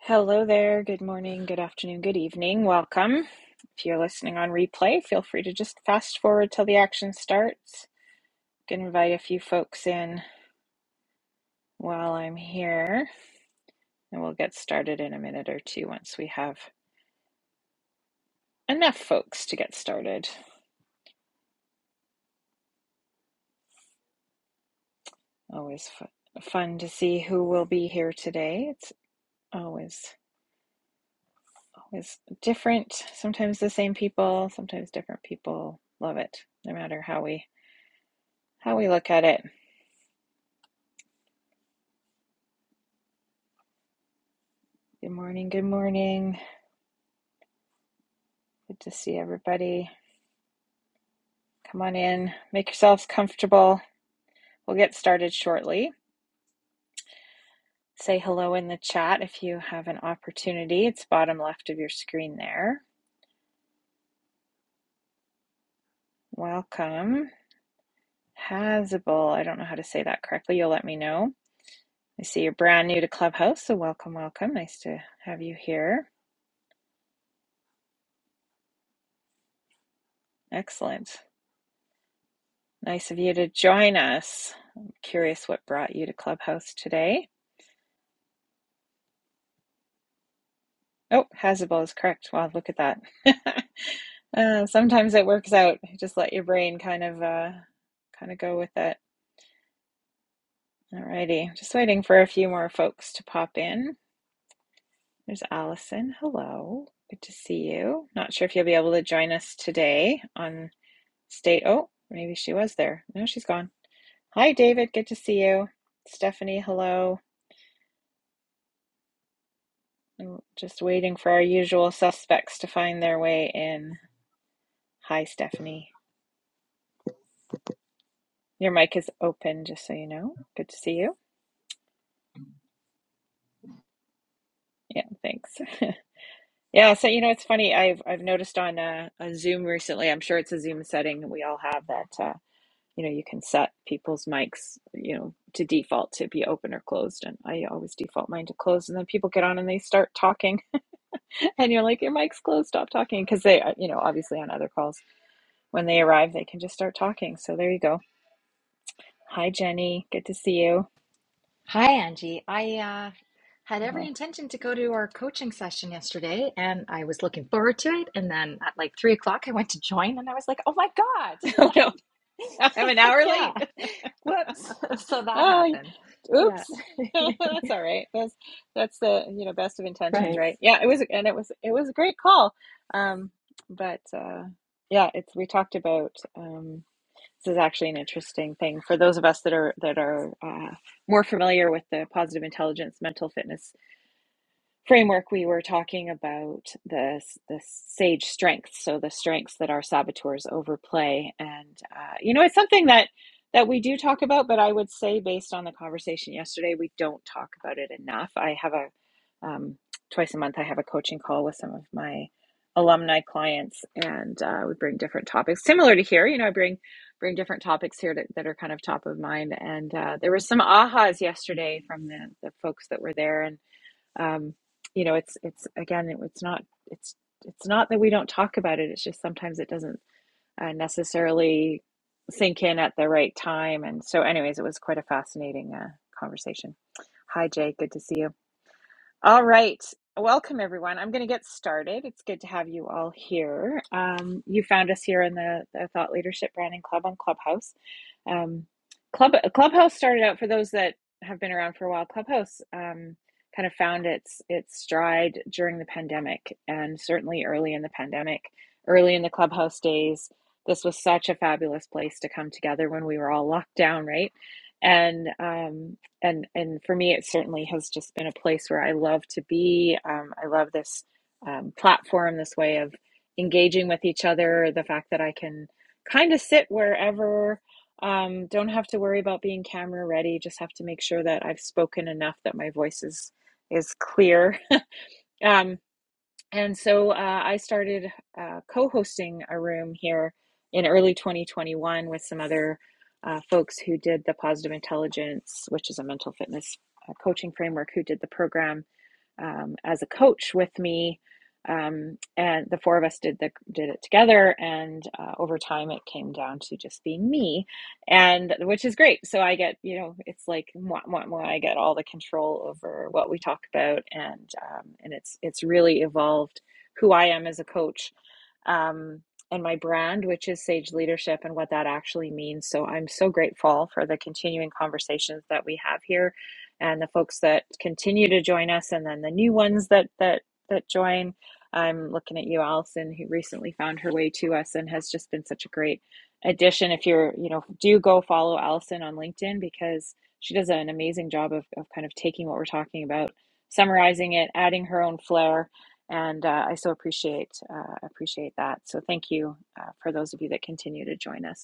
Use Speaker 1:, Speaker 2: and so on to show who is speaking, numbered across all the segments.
Speaker 1: Hello there. Good morning, good afternoon, good evening. Welcome. If you're listening on replay, feel free to just fast forward till the action starts. You Can invite a few folks in while I'm here, and we'll get started in a minute or two once we have enough folks to get started. Always fu- fun to see who will be here today. It's always always different. Sometimes the same people, sometimes different people. Love it. No matter how we how we look at it. Good morning. Good morning. Good to see everybody. Come on in, make yourselves comfortable. We'll get started shortly. Say hello in the chat if you have an opportunity. It's bottom left of your screen there. Welcome. Hazable. I don't know how to say that correctly. You'll let me know. I see you're brand new to Clubhouse, so welcome, welcome. Nice to have you here. Excellent. Nice of you to join us. I'm curious what brought you to Clubhouse today. Oh, Hazable is correct. Wow, look at that. Uh, sometimes it works out. Just let your brain kind of uh, kind of go with it. Alrighty, just waiting for a few more folks to pop in. There's Allison. Hello, good to see you. Not sure if you'll be able to join us today on state. Oh, maybe she was there. No, she's gone. Hi, David. Good to see you. Stephanie. Hello. I'm just waiting for our usual suspects to find their way in. Hi, Stephanie. Your mic is open, just so you know. Good to see you. Yeah, thanks. Yeah, so you know, it's funny. I've I've noticed on uh, on Zoom recently. I'm sure it's a Zoom setting we all have that uh, you know you can set people's mics you know to default to be open or closed, and I always default mine to closed. And then people get on and they start talking, and you're like, your mic's closed, stop talking, because they uh, you know obviously on other calls when they arrive they can just start talking. So there you go. Hi Jenny, good to see you.
Speaker 2: Hi, Angie. I uh, had every
Speaker 1: Hi.
Speaker 2: intention to go to our coaching session yesterday and I was looking forward to it. And then at like three o'clock, I went to join and I was like, oh my God.
Speaker 1: Oh no, I'm an hour
Speaker 2: yeah.
Speaker 1: late.
Speaker 2: Whoops. So that
Speaker 1: Oh,
Speaker 2: happened. Yeah.
Speaker 1: oops. That's all right. That's that's the, you know, best of intentions,
Speaker 2: Right.
Speaker 1: right? Yeah, it was and it was it was a great call. Um, but uh yeah, it's we talked about um this is actually an interesting thing for those of us that are that are uh, more familiar with the positive intelligence mental fitness framework we were talking about the the sage strengths so the strengths that our saboteurs overplay and uh, you know it's something that that we do talk about but i would say based on the conversation yesterday we don't talk about it enough i have a um, twice a month i have a coaching call with some of my alumni clients and uh, we bring different topics similar to here you know i bring bring different topics here that, that are kind of top of mind and uh, there were some ahas yesterday from the, the folks that were there and um, you know it's it's again it- it's not it's it's not that we don't talk about it it's just sometimes it doesn't uh, necessarily sink in at the right time and so anyways it was quite a fascinating uh, conversation hi jay good to see you all right. Welcome, everyone. I'm going to get started. It's good to have you all here. Um, you found us here in the, the Thought Leadership Branding Club on Clubhouse. Um, Club Clubhouse started out for those that have been around for a while. Clubhouse um, kind of found its its stride during the pandemic, and certainly early in the pandemic, early in the Clubhouse days. This was such a fabulous place to come together when we were all locked down, right? And um, and and for me, it certainly has just been a place where I love to be. Um, I love this um, platform, this way of engaging with each other. The fact that I can kind of sit wherever, um, don't have to worry about being camera ready. Just have to make sure that I've spoken enough that my voice is is clear. Um, and so uh, I started uh, co hosting a room here in early 2021 with some other uh, folks who did the positive intelligence, which is a mental fitness uh, coaching framework, who did the program um, as a coach with me, um, and the four of us did the did it together. And uh, over time, it came down to just being me, and which is great. So I get you know it's like mwah, mwah, mwah, I get all the control over what we talk about, and um, and it's it's really evolved who I am as a coach um, and my brand, which is Sage Leadership and what that actually means. So I'm so grateful for the continuing conversations that we have here and the folks that continue to join us and then the new ones that that that join. I'm looking at you, Allison, who recently found her way to us and has just been such a great addition. If you're, you know, do go follow Allison on LinkedIn because she does an amazing job of, of kind of taking what we're talking about, summarizing it, adding her own flair, and uh, I so appreciate uh, appreciate that. So thank you uh, for those of you that continue to join us.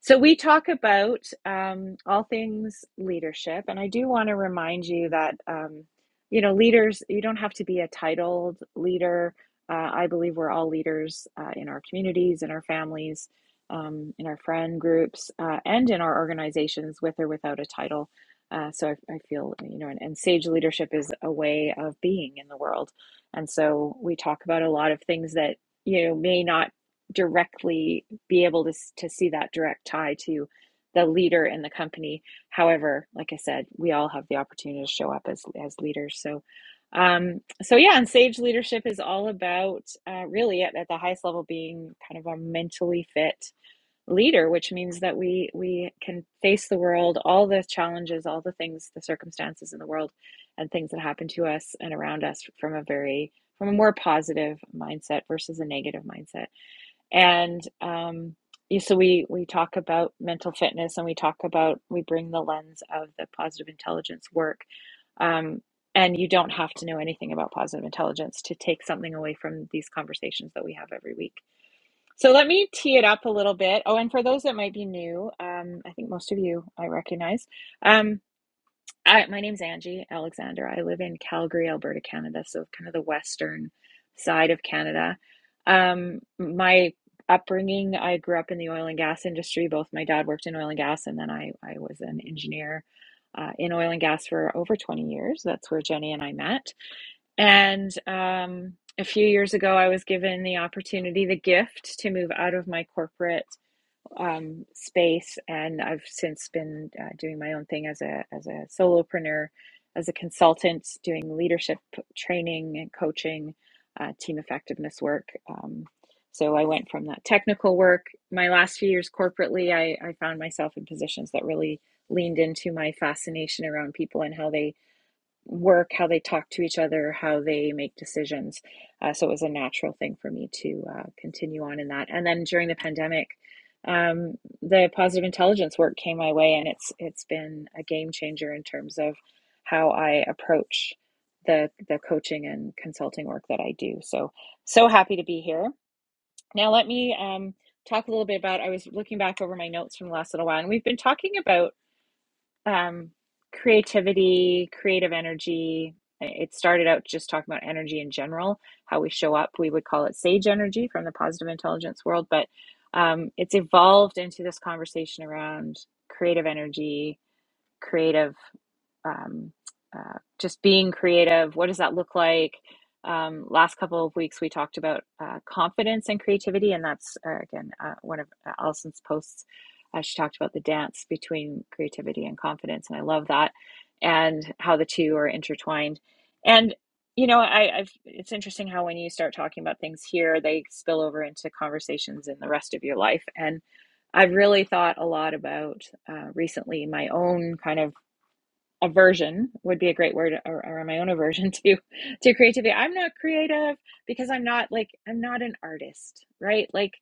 Speaker 1: So, we talk about um, all things leadership, and I do want to remind you that, um, you know, leaders, you don't have to be a titled leader. Uh, I believe we're all leaders uh, in our communities, in our families, um, in our friend groups, uh, and in our organizations with or without a title. Uh, so, I, I feel, you know, and, and sage leadership is a way of being in the world. And so, we talk about a lot of things that, you know, may not directly be able to, to see that direct tie to the leader in the company. However, like I said, we all have the opportunity to show up as, as leaders. So, um, so yeah, and sage leadership is all about uh, really at, at the highest level being kind of a mentally fit leader, which means that we we can face the world, all the challenges, all the things, the circumstances in the world, and things that happen to us and around us from a very from a more positive mindset versus a negative mindset. And um, yeah, so we we talk about mental fitness, and we talk about we bring the lens of the positive intelligence work. Um, and you don't have to know anything about positive intelligence to take something away from these conversations that we have every week. So let me tee it up a little bit. Oh, and for those that might be new, um, I think most of you I recognize. Um, I, my name's Angie Alexander. I live in Calgary, Alberta, Canada, so kind of the western side of Canada. Um, my upbringing, I grew up in the oil and gas industry. Both my dad worked in oil and gas, and then I, I was an engineer uh, in oil and gas for over 20 years. That's where Jenny and I met. And um, a few years ago, I was given the opportunity, the gift to move out of my corporate um, space, and I've since been uh, doing my own thing as a as a solopreneur, as a consultant, doing leadership training and coaching, uh, team effectiveness work. Um, so I went from that technical work. My last few years corporately, I, I found myself in positions that really leaned into my fascination around people and how they work, how they talk to each other, how they make decisions. Uh, so it was a natural thing for me to uh, continue on in that. And then during the pandemic, um, the positive intelligence work came my way, and it's it's been a game changer in terms of how I approach the the coaching and consulting work that I do. So so happy to be here. Now let me um, talk a little bit about. I was looking back over my notes from the last little while, and we've been talking about um, creativity, creative energy. It started out just talking about energy in general, how we show up. We would call it sage energy from the positive intelligence world, but um, it's evolved into this conversation around creative energy, creative um, uh, just being creative. What does that look like? Um, last couple of weeks, we talked about uh, confidence and creativity, and that's uh, again uh, one of uh, Allison's posts. Uh, she talked about the dance between creativity and confidence, and I love that, and how the two are intertwined. And you know, I, I've it's interesting how when you start talking about things here, they spill over into conversations in the rest of your life. And I've really thought a lot about uh, recently my own kind of aversion would be a great word or, or my own aversion to to creativity i'm not creative because i'm not like i'm not an artist right like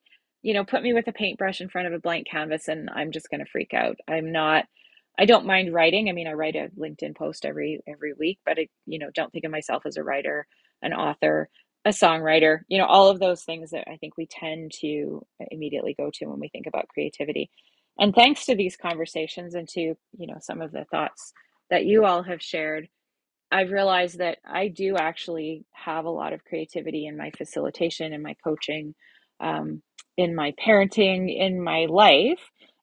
Speaker 1: you know put me with a paintbrush in front of a blank canvas and i'm just going to freak out i'm not i don't mind writing i mean i write a linkedin post every every week but i you know don't think of myself as a writer an author a songwriter you know all of those things that i think we tend to immediately go to when we think about creativity and thanks to these conversations and to you know some of the thoughts that you all have shared, I've realized that I do actually have a lot of creativity in my facilitation, in my coaching, um, in my parenting, in my life.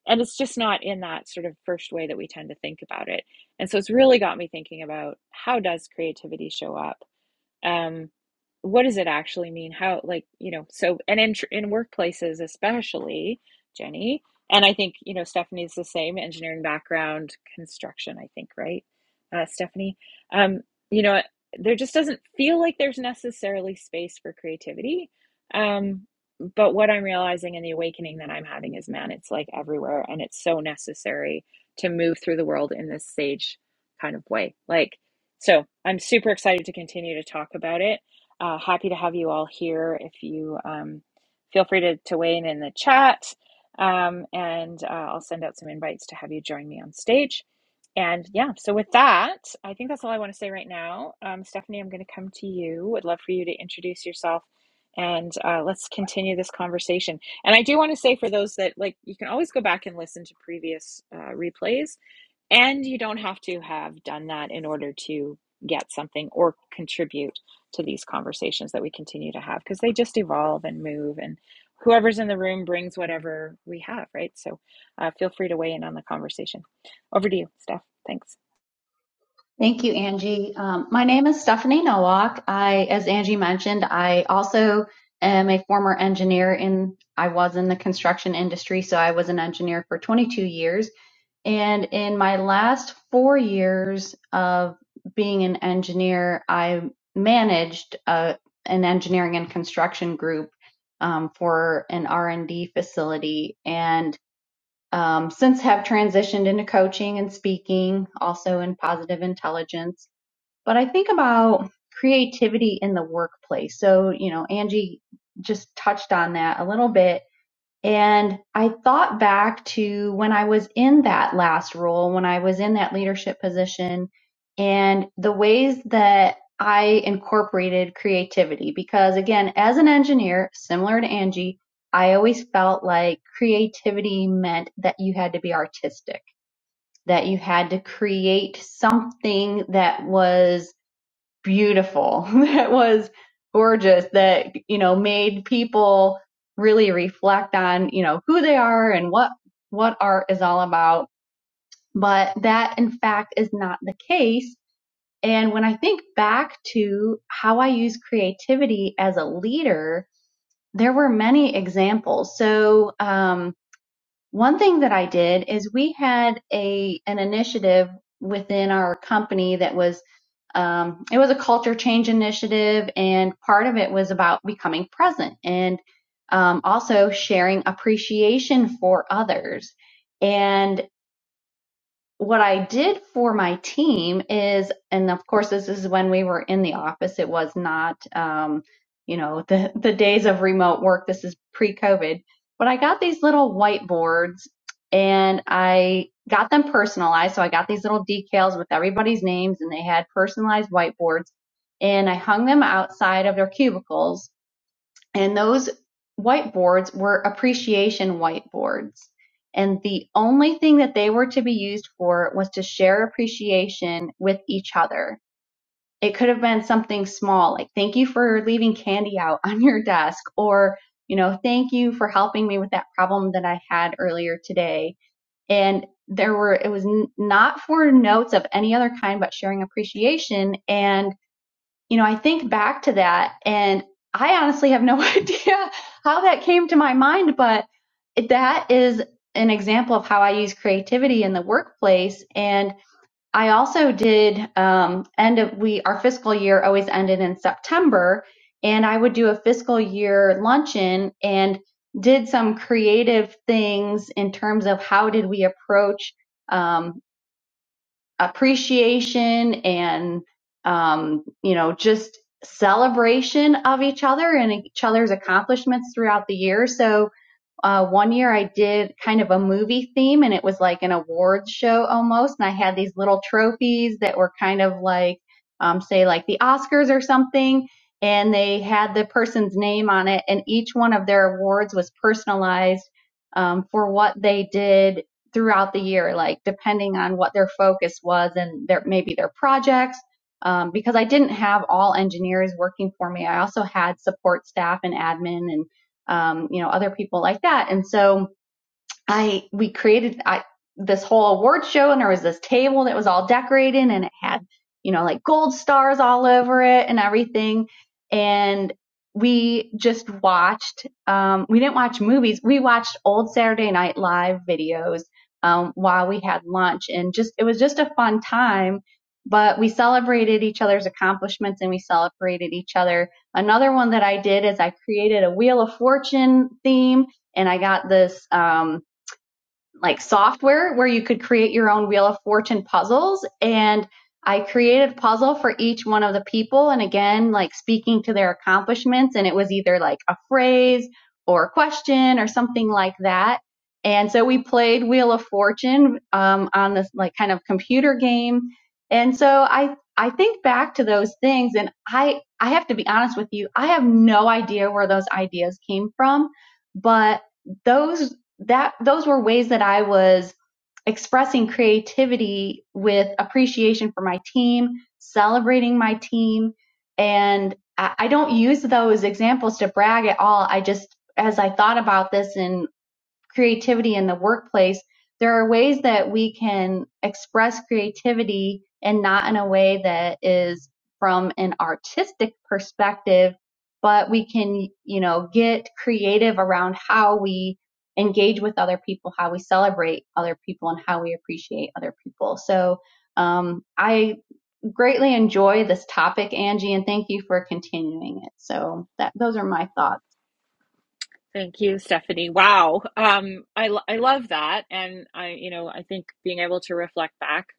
Speaker 1: And it's just not in that sort of first way that we tend to think about it. And so it's really got me thinking about how does creativity show up? um what does it actually mean how like you know so and in in workplaces especially Jenny and I think you know Stephanie's the same engineering background construction I think right uh Stephanie um you know there just doesn't feel like there's necessarily space for creativity um but what I'm realizing and the awakening that I'm having is man it's like everywhere and it's so necessary to move through the world in this sage kind of way like so I'm super excited to continue to talk about it. Uh, happy to have you all here. If you um, feel free to, to weigh in in the chat, um, and uh, I'll send out some invites to have you join me on stage. And yeah, so with that, I think that's all I want to say right now. Um, Stephanie, I'm going to come to you. Would love for you to introduce yourself and uh, let's continue this conversation. And I do want to say for those that like, you can always go back and listen to previous uh, replays and you don't have to have done that in order to get something or contribute to these conversations that we continue to have because they just evolve and move, and whoever's in the room brings whatever we have, right? So uh, feel free to weigh in on the conversation. Over to you, Steph. Thanks.
Speaker 3: Thank you, Angie. Um, my name is Stephanie Nowak. I, as Angie mentioned, I also am a former engineer in, I was in the construction industry, so I was an engineer for 22 years. And in my last four years of being an engineer, I managed uh an engineering and construction group um, for an R&D facility. And um, since have transitioned into coaching and speaking, also in positive intelligence but I think about creativity in the workplace. So, you know, Angie just touched on that a little bit. And I thought back to when I was in that last role, when I was in that leadership position, and the ways that I incorporated creativity. Because again, as an engineer, similar to Angie, I always felt like creativity meant that you had to be artistic, that you had to create something that was beautiful that was gorgeous that you know made people really reflect on you know who they are and what what art is all about but that in fact is not the case and when i think back to how i use creativity as a leader there were many examples so um, one thing that I did is we had a an initiative within our company that was um, it was a culture change initiative, and part of it was about becoming present and um, also sharing appreciation for others. and what I did for my team is, and of course, this is when we were in the office. It was not, um, you know, the, the days of remote work. This is pre COVID, but I got these little whiteboards and I got them personalized. So I got these little decals with everybody's names and they had personalized whiteboards and I hung them outside of their cubicles and those whiteboards were appreciation whiteboards. And the only thing that they were to be used for was to share appreciation with each other. It could have been something small, like thank you for leaving candy out on your desk, or, you know, thank you for helping me with that problem that I had earlier today. And there were, it was n- not for notes of any other kind, but sharing appreciation. And you know, I think back to that and I honestly have no idea how that came to my mind, but that is an example of how I use creativity in the workplace. And I also did um, end of we our fiscal year always ended in September, and I would do a fiscal year luncheon and did some creative things in terms of how did we approach. um, appreciation and um, you know just celebration of each other and each other's accomplishments throughout the year so uh, one year I did kind of a movie theme and it was like an awards show almost. And I had these little trophies that were kind of like, um, say like the Oscars or something. And they had the person's name on it and each one of their awards was personalized, um, for what they did throughout the year, like depending on what their focus was and their, maybe their projects. Um, because I didn't have all engineers working for me. I also had support staff and admin and um, you know, other people like that. And so I we created I, this whole award show, and there was this table that was all decorated, and it had you know like gold stars all over it and everything. And we just watched. Um, we didn't watch movies. We watched old Saturday Night Live videos um, while we had lunch, and just it was just a fun time. But we celebrated each other's accomplishments, and we celebrated each other. Another one that I did is I created a Wheel of Fortune theme and I got this. Um, like software where you could create your own Wheel of Fortune puzzles. And I created a puzzle for each one of the people. And again, like speaking to their accomplishments. And it was either like a phrase or a question or something like that. And so we played Wheel of Fortune um, on this like kind of computer game. And so I, I think back to those things and I, I have to be honest with you. I have no idea where those ideas came from, but those that those were ways that I was expressing creativity with appreciation for my team, celebrating my team. And I, I don't use those examples to brag at all. I just, as I thought about this and creativity in the workplace, there are ways that we can express creativity and not in a way that is from an artistic perspective, but we can, you know, get creative around how we engage with other people, how we celebrate other people, and how we appreciate other people. So um, I greatly enjoy this topic, Angie, and thank you for continuing it. So that those are my thoughts.
Speaker 1: Thank you, Stephanie. Wow. Um, I, I love that. And I, you know, I think being able to reflect back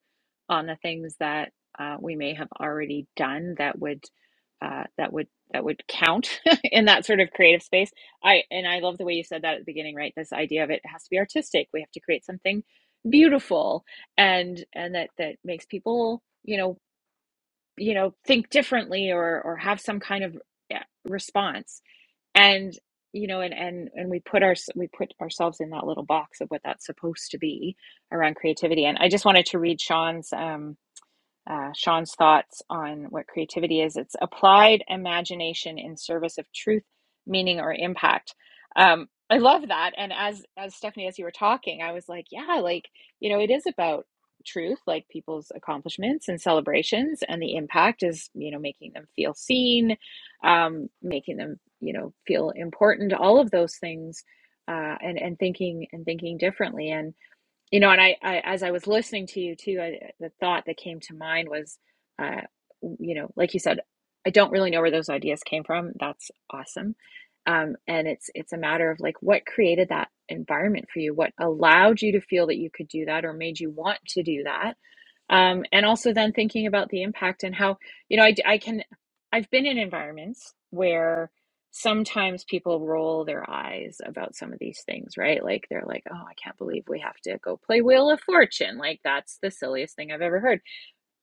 Speaker 1: on the things that uh, we may have already done that would, uh, that would, that would count in that sort of creative space. I, and I love the way you said that at the beginning, right? This idea of it has to be artistic. We have to create something beautiful and, and that, that makes people, you know, you know, think differently or, or have some kind of yeah, response and you know and and and we put our we put ourselves in that little box of what that's supposed to be around creativity and i just wanted to read sean's um, uh, Sean's thoughts on what creativity is. It's applied imagination in service of truth, meaning, or impact. Um, I love that. And as as Stephanie, as you were talking, I was like, yeah, like you know, it is about truth, like people's accomplishments and celebrations, and the impact is you know making them feel seen, um, making them you know feel important. All of those things, uh, and and thinking and thinking differently and you know, and I, I as I was listening to you too, I, the thought that came to mind was, uh, you know, like you said, I don't really know where those ideas came from. That's awesome, um, and it's it's a matter of like what created that environment for you, what allowed you to feel that you could do that, or made you want to do that, um, and also then thinking about the impact and how you know I I can i've been in environments where sometimes people roll their eyes about some of these things right like they're like oh i can't believe we have to go play wheel of fortune like that's the silliest thing i've ever heard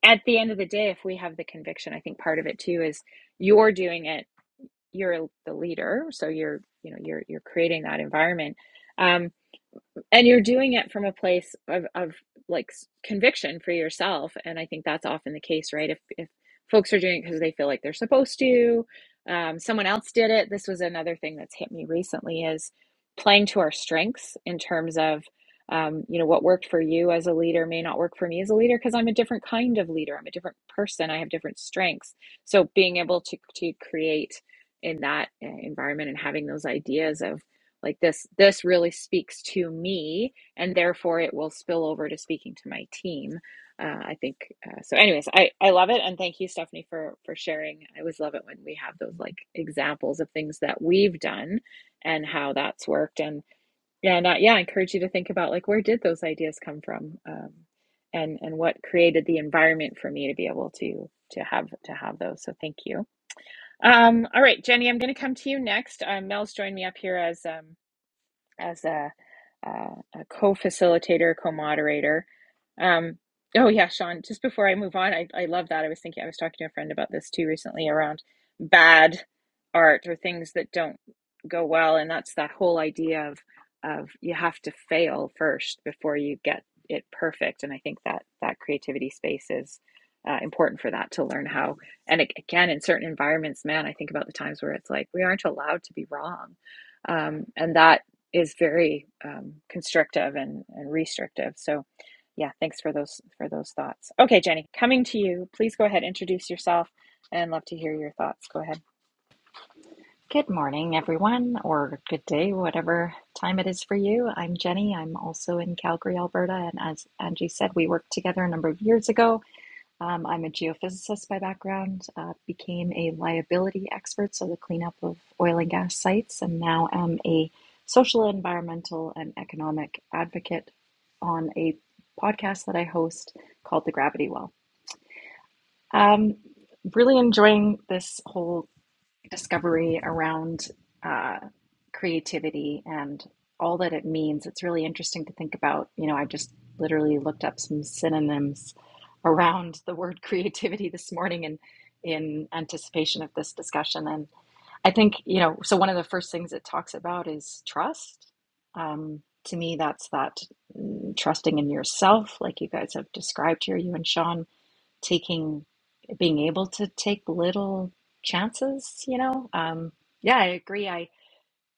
Speaker 1: at the end of the day if we have the conviction i think part of it too is you're doing it you're the leader so you're you know you're you're creating that environment Um, and you're doing it from a place of, of like conviction for yourself and i think that's often the case right if if folks are doing it because they feel like they're supposed to um, someone else did it this was another thing that's hit me recently is playing to our strengths in terms of um, you know what worked for you as a leader may not work for me as a leader because i'm a different kind of leader i'm a different person i have different strengths so being able to to create in that uh, environment and having those ideas of like this this really speaks to me and therefore it will spill over to speaking to my team uh, i think uh, so anyways I, I love it and thank you stephanie for for sharing i always love it when we have those like examples of things that we've done and how that's worked and yeah and I, yeah i encourage you to think about like where did those ideas come from um, and and what created the environment for me to be able to to have to have those so thank you um, all right jenny i'm going to come to you next um, mel's joined me up here as um, as a, uh, a co-facilitator, co-moderator. Um, oh yeah, Sean. Just before I move on, I, I love that. I was thinking I was talking to a friend about this too recently around bad art or things that don't go well, and that's that whole idea of of you have to fail first before you get it perfect. And I think that that creativity space is. Uh, important for that to learn how and ag- again in certain environments man i think about the times where it's like we aren't allowed to be wrong um, and that is very um, constrictive and, and restrictive. So, yeah, thanks for those for those thoughts. Okay, Jenny, coming to you. Please go ahead, introduce yourself, and love to hear your thoughts. Go ahead.
Speaker 2: Good morning, everyone, or good day, whatever time it is for you. I'm Jenny. I'm also in Calgary, Alberta. And as Angie said, we worked together a number of years ago. Um, I'm a geophysicist by background, uh, became a liability expert, so the cleanup of oil and gas sites, and now am a social, environmental, and economic advocate on a podcast that I host called The Gravity Well. Um, really enjoying this whole discovery around uh, creativity and all that it means. It's really interesting to think about. You know, I just literally looked up some synonyms around the word creativity this morning and in anticipation of this discussion. And I think, you know, so one of the first things it talks about is trust. Um, to me, that's that mm, trusting in yourself, like you guys have described here, you and Sean taking being able to take little chances you know um yeah i agree i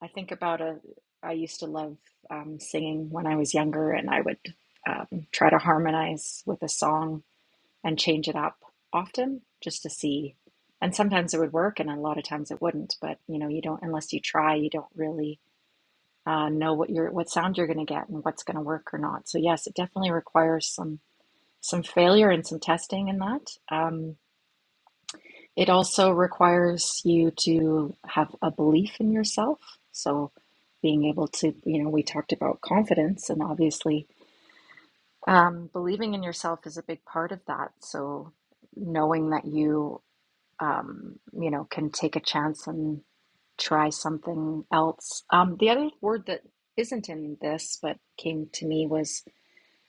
Speaker 2: i think about a i used to love um, singing when i was younger and i would um, try to harmonize with a song and change it up often just to see and sometimes it would work and a lot of times it wouldn't but you know you don't unless you try you don't really uh, know what you're what sound you're going to get and what's going to work or not so yes it definitely requires some some failure and some testing in that. Um, it also requires you to have a belief in yourself. So, being able to, you know, we talked about confidence, and obviously, um, believing in yourself is a big part of that. So, knowing that you, um, you know, can take a chance and try something else. Um, the other word that isn't in this but came to me was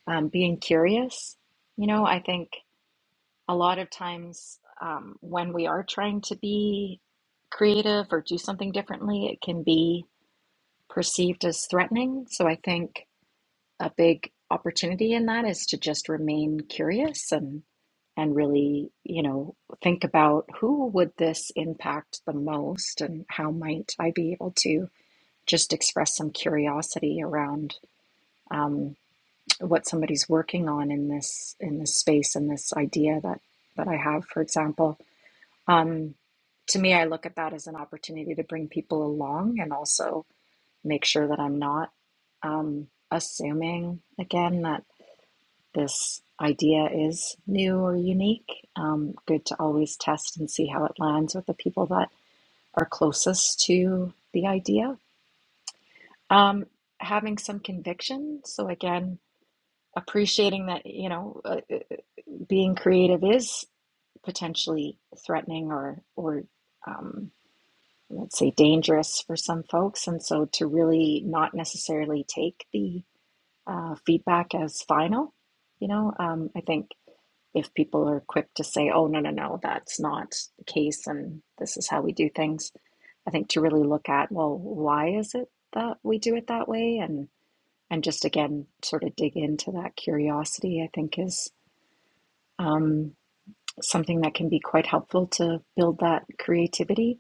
Speaker 2: um, being curious. You know, I think a lot of times um, when we are trying to be creative or do something differently, it can be perceived as threatening. So I think a big opportunity in that is to just remain curious and and really, you know, think about who would this impact the most and how might I be able to just express some curiosity around um, what somebody's working on in this in this space and this idea that that I have, for example. Um, to me, I look at that as an opportunity to bring people along and also make sure that I'm not um, assuming, again, that this idea is new or unique. Um, good to always test and see how it lands with the people that are closest to the idea. Um, having some conviction. So, again, appreciating that, you know, uh, uh, being creative is potentially threatening or, or, um, let's say dangerous for some folks and so to really not necessarily take the uh, feedback as final you know um, i think if people are quick to say oh no no no that's not the case and this is how we do things i think to really look at well why is it that we do it that way and and just again sort of dig into that curiosity i think is um, something that can be quite helpful to build that creativity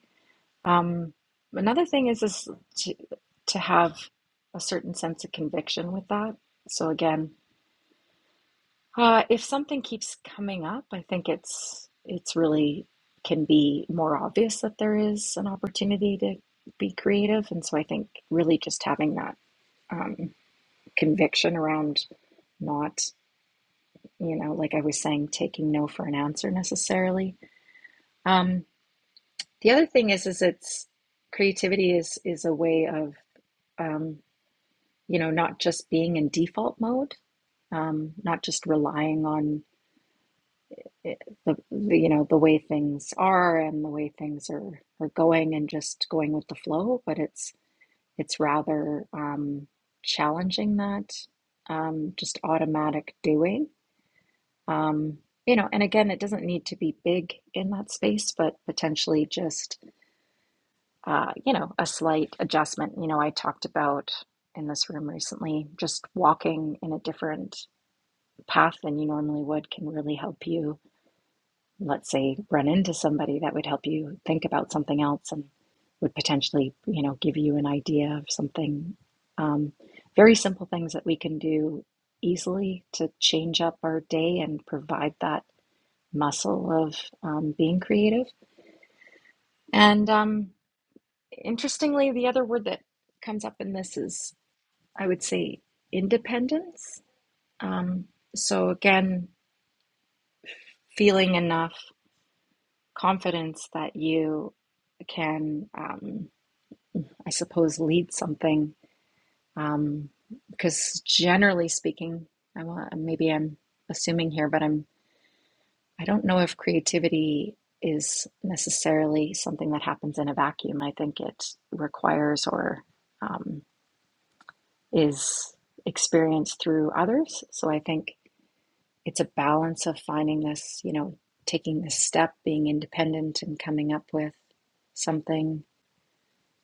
Speaker 2: um, another thing is is to to have a certain sense of conviction with that. So again, uh, if something keeps coming up, I think it's it's really can be more obvious that there is an opportunity to be creative, and so I think really just having that um, conviction around not, you know, like I was saying, taking no for an answer necessarily. Um, the other thing is, is it's creativity is is a way of um, you know, not just being in default mode, um, not just relying on eh, the, the you know the way things are and the way things are are going and just going with the flow, but it's it's rather um, challenging that um, just automatic doing. Um, you know, and again, it doesn't need to be big in that space, but potentially just uh, you know a slight adjustment. You know, I talked about in this room recently, just walking in a different path than you normally would can really help you, let's say, run into somebody that would help you think about something else and would potentially, you know, give you an idea of something. Um, very simple things that we can do easily to change up our day and provide that muscle of um, being creative. And um, interestingly, the other word that comes up in this is, I would say, independence. Um, so again, feeling enough confidence that you can, um, I suppose, lead something. Um, because generally speaking, I'm a, maybe I'm assuming here, but I'm I don't know if creativity is necessarily something that happens in a vacuum. I think it requires or um, is experienced through others. So I think it's a balance of finding this, you know, taking this step, being independent, and coming up with something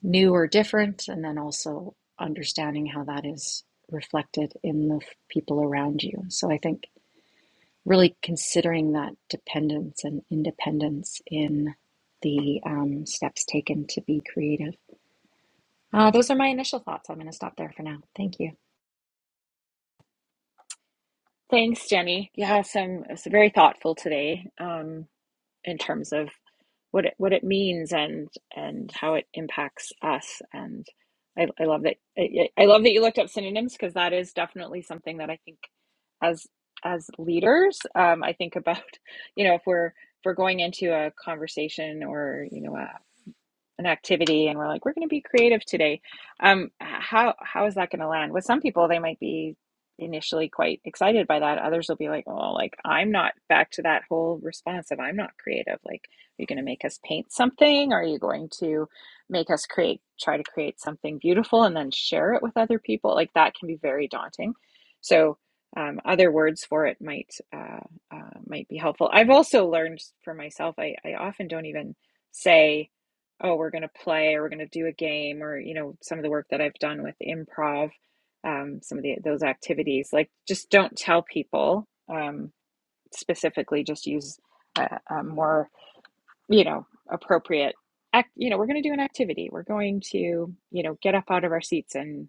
Speaker 2: new or different, and then also understanding how that is reflected in the people around you. So I think really considering that dependence and independence in the um, steps taken to be creative. Uh, those are my initial thoughts. I'm going to stop there for now. Thank you.
Speaker 1: Thanks, Jenny. Yeah, some it's very thoughtful today. Um, in terms of what it what it means and and how it impacts us. And I, I love that I, I love that you looked up synonyms because that is definitely something that I think as as leaders, um, I think about you know if we're if we're going into a conversation or you know a an activity and we're like we're going to be creative today um how how is that going to land with some people they might be initially quite excited by that others will be like oh like i'm not back to that whole response of i'm not creative like are you going to make us paint something are you going to make us create try to create something beautiful and then share it with other people like that can be very daunting so um, other words for it might uh, uh, might be helpful i've also learned for myself i, I often don't even say oh, we're going to play or we're going to do a game or, you know, some of the work that I've done with improv, um, some of the, those activities, like just don't tell people um, specifically, just use a, a more you know, appropriate act, you know, we're going to do an activity. We're going to, you know, get up out of our seats and,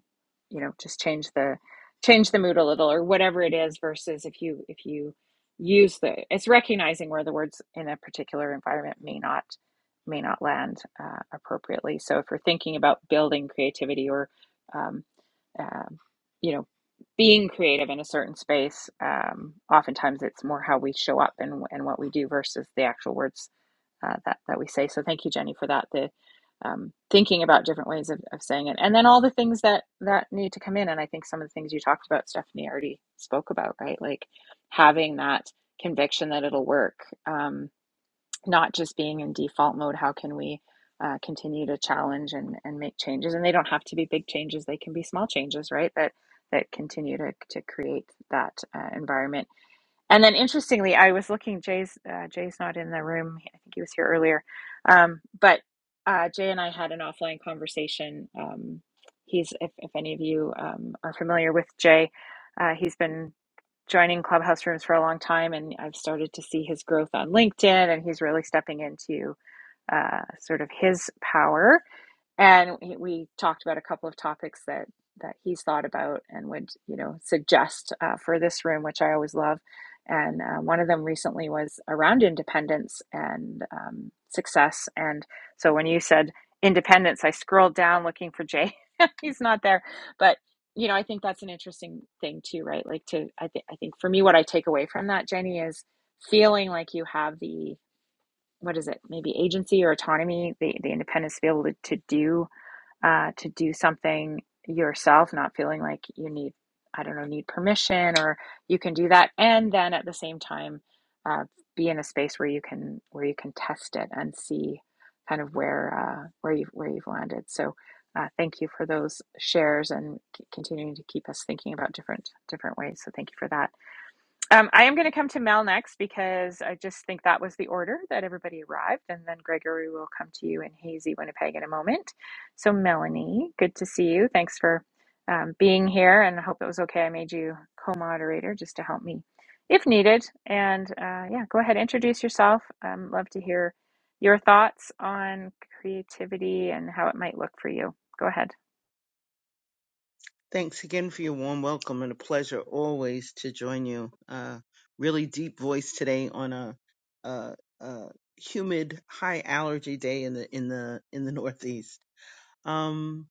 Speaker 1: you know, just change the change the mood a little or whatever it is versus if you if you use the it's recognizing where the words in a particular environment may not may not land uh, appropriately. So if we're thinking about building creativity or um, um, you know being creative in a certain space, um, oftentimes it's more how we show up and and what we do versus the actual words uh, that that we say. So thank you, Jenny, for that. The um, thinking about different ways of, of saying it, and then all the things that that need to come in. And I think some of the things you talked about, Stephanie already spoke about, right? Like having that conviction that it'll work, um, not just being in default mode. How can we uh, continue to challenge and, and make changes? And they don't have to be big changes; they can be small changes, right? That that continue to to create that uh, environment and then interestingly, I was looking. Jay's uh, Jay's not in the room. I think he was here earlier. Um, but uh, Jay and I had an offline conversation. Um, he's if, if any of you um, are familiar with Jay, uh, he's been joining clubhouse rooms for a long time, and I've started to see his growth on LinkedIn, and he's really stepping into uh, sort of his power and he- we talked about a couple of topics that that he's thought about and would you know suggest uh, for this room which i always love and uh, one of them recently was around independence and um, success and so when you said independence i scrolled down looking for jay he's not there but you know i think that's an interesting thing too right like to i think i think for me what i take away from that jenny is feeling like you have the what is it maybe agency or autonomy the, the independence to be able to, to do uh, to do something yourself, not feeling like you need, I don't know, need permission or you can do that. And then at the same time, uh, be in a space where you can where you can test it and see kind of where uh, where you have where you've landed. So uh, thank you for those shares and c- continuing to keep us thinking about different different ways. So thank you for that. Um, I am going to come to Mel next because I just think that was the order that everybody arrived, and then Gregory will come to you in Hazy, Winnipeg, in a moment. So, Melanie, good to see you. Thanks for um, being here, and I hope it was okay. I made you co-moderator just to help me if needed. And uh, yeah, go ahead, introduce yourself. Um, love to hear your thoughts on creativity and how it might look for you. Go ahead.
Speaker 4: Thanks again for your warm welcome and a pleasure always to join you. Uh, really deep voice today on a, a, a humid, high allergy day in the in the in the Northeast. Um,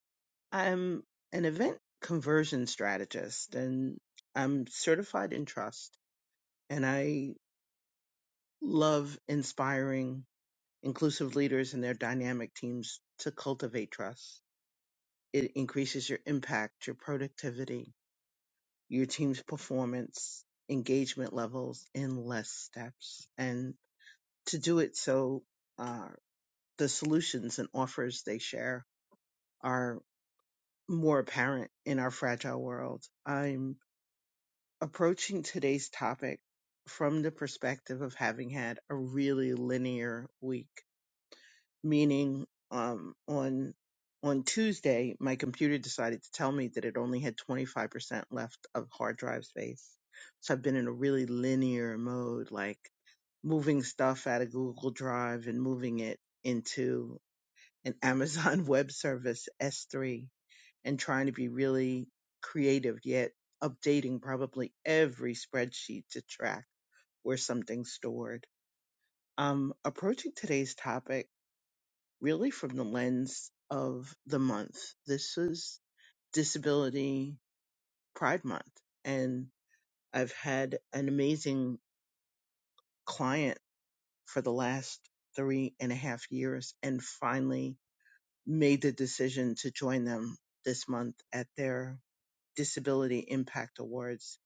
Speaker 4: I'm an event conversion strategist, and I'm certified in trust, and I love inspiring inclusive leaders and their dynamic teams to cultivate trust. It increases your impact, your productivity, your team's performance, engagement levels in less steps, and to do it so uh, the solutions and offers they share are more apparent in our fragile world. I'm approaching today's topic from the perspective of having had a really linear week meaning um, on on Tuesday, my computer decided to tell me that it only had 25% left of hard drive space. So I've been in a really linear mode, like moving stuff out of Google Drive and moving it into an Amazon Web Service S3 and trying to be really creative, yet updating probably every spreadsheet to track where something's stored. Um, approaching today's topic really from the lens of the month. This is Disability Pride Month, and I've had an amazing client for the last three and a half years and finally made the decision to join them this month at their Disability Impact Awards.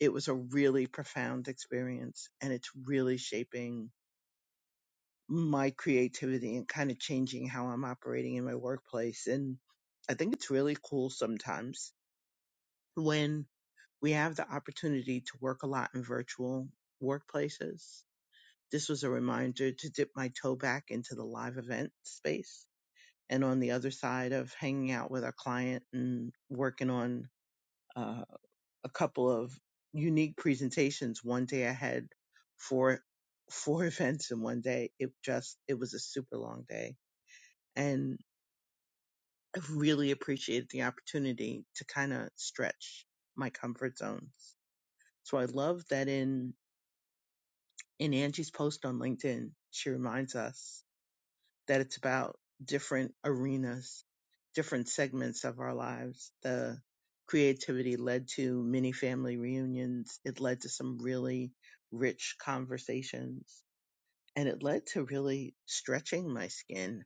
Speaker 4: It was a really profound experience and it's really shaping my creativity and kind of changing how I'm operating in my workplace. And I think it's really cool sometimes when we have the opportunity to work a lot in virtual workplaces. This was a reminder to dip my toe back into the live event space. And on the other side of hanging out with our client and working on uh, a couple of unique presentations one day I had four four events in one day. It just, it was a super long day and I've really appreciated the opportunity to kind of stretch my comfort zones. So I love that in in Angie's post on LinkedIn, she reminds us that it's about different arenas, different segments of our lives. The creativity led to many family reunions. It led to some really rich conversations and it led to really stretching my skin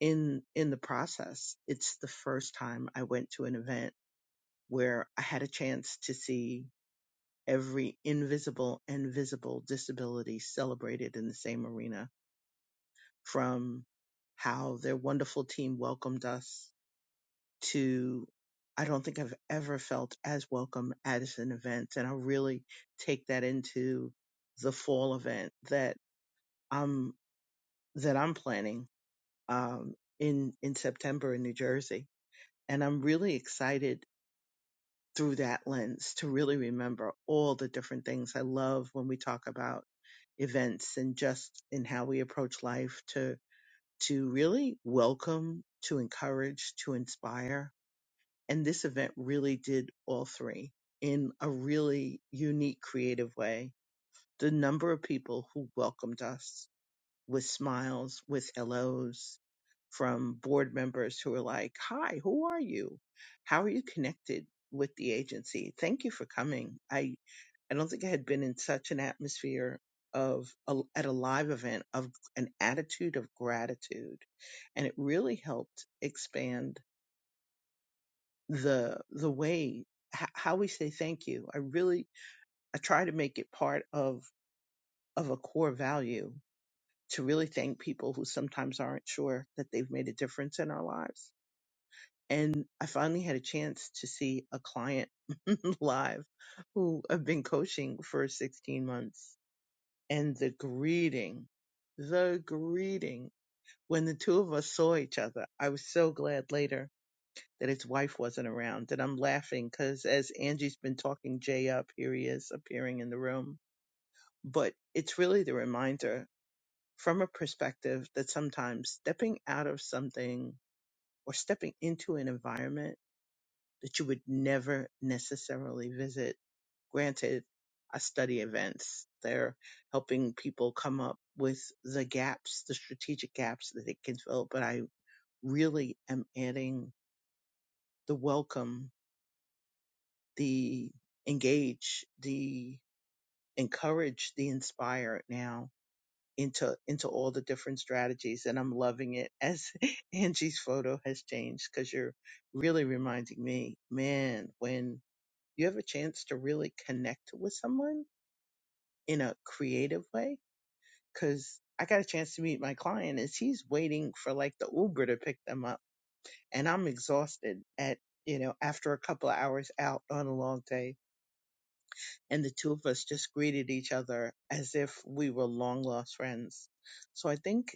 Speaker 4: in in the process. It's the first time I went to an event where I had a chance to see every invisible and visible disability celebrated in the same arena from how their wonderful team welcomed us to I don't think I've ever felt as welcome at an event. And I really take that into the fall event that I'm, that I'm planning, um, in, in September in New Jersey. And I'm really excited through that lens to really remember all the different things. I love when we talk about events and just in how we approach life to to really welcome, to encourage, to inspire. And this event really did all three in a really unique creative way. The number of people who welcomed us with smiles, with hellos, from board members who are like, Hi, who are you? How are you connected with the agency? Thank you for coming. I, I don't think I had been in such an atmosphere of a, at a live event of an attitude of gratitude, and it really helped expand the the way h- how we say thank you. I really I try to make it part of of a core value to really thank people who sometimes aren't sure that they've made a difference in our lives and I finally had a chance to see a client live who I've been coaching for 16 months. And the greeting, the greeting, when the two of us saw each other, I was so glad later that his wife wasn't around. And I'm laughing because as Angie's been talking Jay up, here he is appearing in the room. But it's really the reminder from a perspective that sometimes stepping out of something or stepping into an environment that you would never necessarily visit. Granted, I study events. They're helping people come up with the gaps, the strategic gaps that it can fill, but I really am adding the welcome, the engage, the encourage, the inspire now into into all the different strategies and I'm loving it as Angie's photo has changed because you're really reminding me, man, when you have a chance to really connect with someone in a creative way. Cause I got a chance to meet my client as he's waiting for like the Uber to pick them up. And I'm exhausted at, you know, after a couple of hours out on a long day. And the two of us just greeted each other as if we were long lost friends. So I think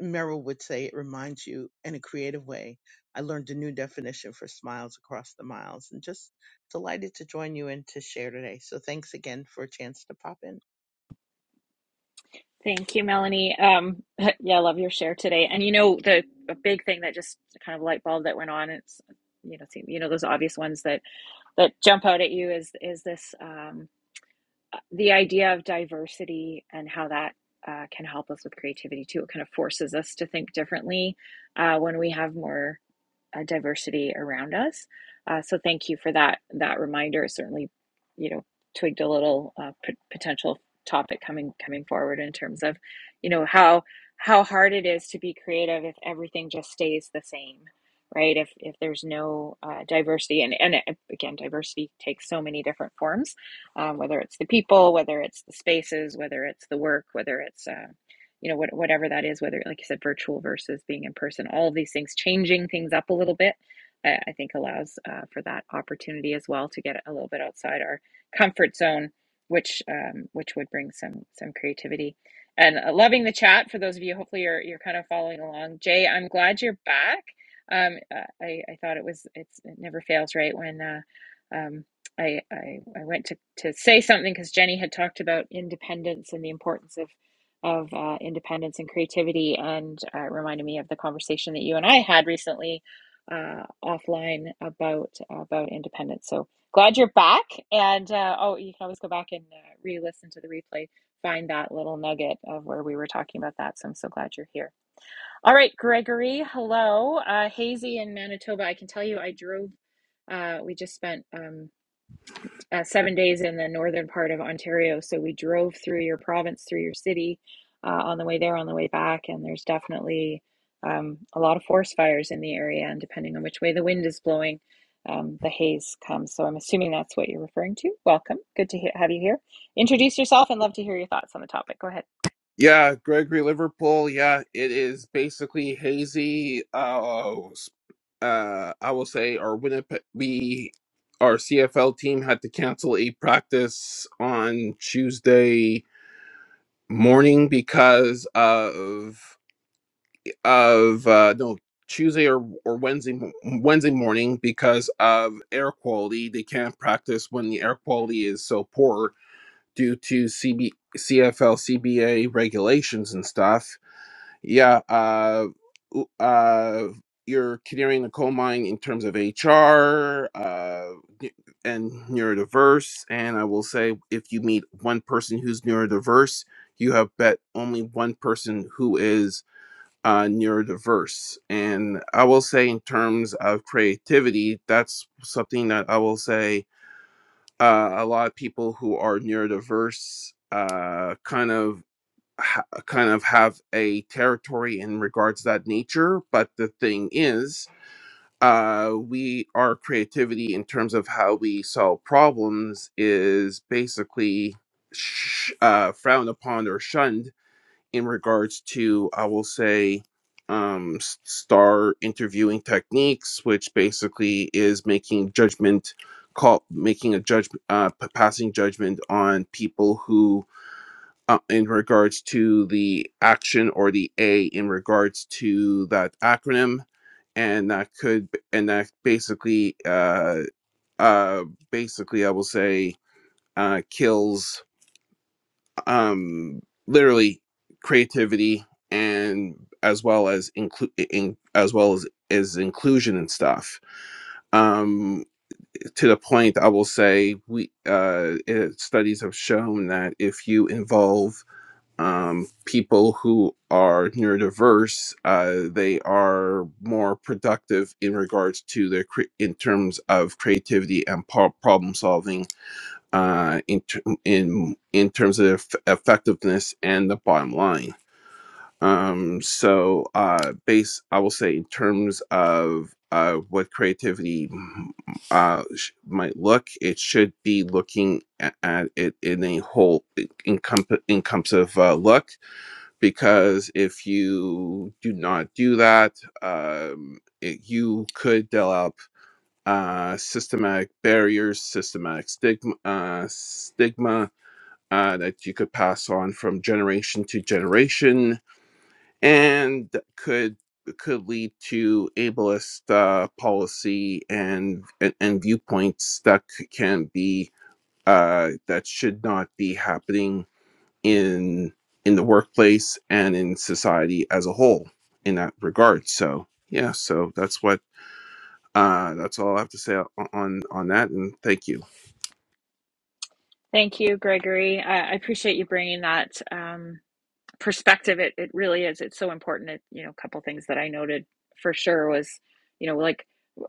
Speaker 4: Merrill would say it reminds you in a creative way. I learned a new definition for smiles across the miles and just delighted to join you and to share today. So thanks again for a chance to pop in.
Speaker 1: Thank you, Melanie. Um, yeah, I love your share today. And you know, the a big thing that just kind of light bulb that went on, it's you know, see- you know, those obvious ones that that jump out at you is is this um, the idea of diversity and how that uh, can help us with creativity too. It kind of forces us to think differently uh, when we have more uh, diversity around us. Uh, so thank you for that that reminder. Certainly, you know, twigged a little uh, p- potential topic coming coming forward in terms of, you know, how how hard it is to be creative if everything just stays the same, right? If if there's no uh, diversity, and and uh, again, diversity takes so many different forms, um, whether it's the people, whether it's the spaces, whether it's the work, whether it's uh, you know what, whatever that is whether like you said virtual versus being in person all of these things changing things up a little bit i, I think allows uh, for that opportunity as well to get a little bit outside our comfort zone which um, which would bring some some creativity and uh, loving the chat for those of you hopefully you're you're kind of following along jay i'm glad you're back um, uh, I, I thought it was it's, it never fails right when uh, um, I, I I went to to say something because Jenny had talked about independence and the importance of of uh, independence and creativity, and uh, reminded me of the conversation that you and I had recently uh, offline about about independence. So glad you're back, and uh, oh, you can always go back and uh, re-listen to the replay, find that little nugget of where we were talking about that. So I'm so glad you're here. All right, Gregory, hello, uh, Hazy in Manitoba. I can tell you, I drove. Uh, we just spent. Um, uh, seven days in the northern part of Ontario. So we drove through your province, through your city uh, on the way there, on the way back. And there's definitely um, a lot of forest fires in the area. And depending on which way the wind is blowing, um, the haze comes. So I'm assuming that's what you're referring to. Welcome. Good to he- have you here. Introduce yourself and love to hear your thoughts on the topic. Go ahead.
Speaker 5: Yeah, Gregory Liverpool. Yeah, it is basically hazy. Uh, uh, I will say our Winnipeg, we, our CFL team had to cancel a practice on Tuesday morning because of of uh, no Tuesday or, or Wednesday mo- Wednesday morning because of air quality. They can't practice when the air quality is so poor due to CB, CFL CBA regulations and stuff yeah uh w- uh you're clearing the coal mine in terms of hr uh n- and neurodiverse and i will say if you meet one person who's neurodiverse you have bet only one person who is uh neurodiverse and i will say in terms of creativity that's something that i will say uh, a lot of people who are neurodiverse uh, kind of ha- kind of have a territory in regards to that nature. But the thing is, uh, we our creativity in terms of how we solve problems is basically sh- uh, frowned upon or shunned in regards to, I will say, um, s- star interviewing techniques, which basically is making judgment call, making a judgment, uh, p- passing judgment on people who uh, in regards to the action or the A in regards to that acronym, and that could and that basically uh uh basically I will say uh kills um literally creativity and as well as include in, as well as is inclusion and stuff um to the point i will say we uh it, studies have shown that if you involve um, people who are neurodiverse uh, they are more productive in regards to their cre- in terms of creativity and pro- problem solving uh, in, ter- in in terms of eff- effectiveness and the bottom line um, so uh, base i will say in terms of uh, what creativity mm, uh, sh- might look it should be looking a- at, it in a whole encompass encompassive uh, look because if you do not do that, um, it, you could develop uh, systematic barriers, systematic stigma, uh, stigma uh, that you could pass on from generation to generation, and could could lead to ableist uh, policy and, and and viewpoints that c- can be uh, that should not be happening in in the workplace and in society as a whole in that regard so yeah so that's what uh that's all i have to say o- on on that and thank you
Speaker 1: Thank you, Gregory. I I appreciate you bringing that. um, perspective it, it really is it's so important it, you know a couple things that i noted for sure was you know like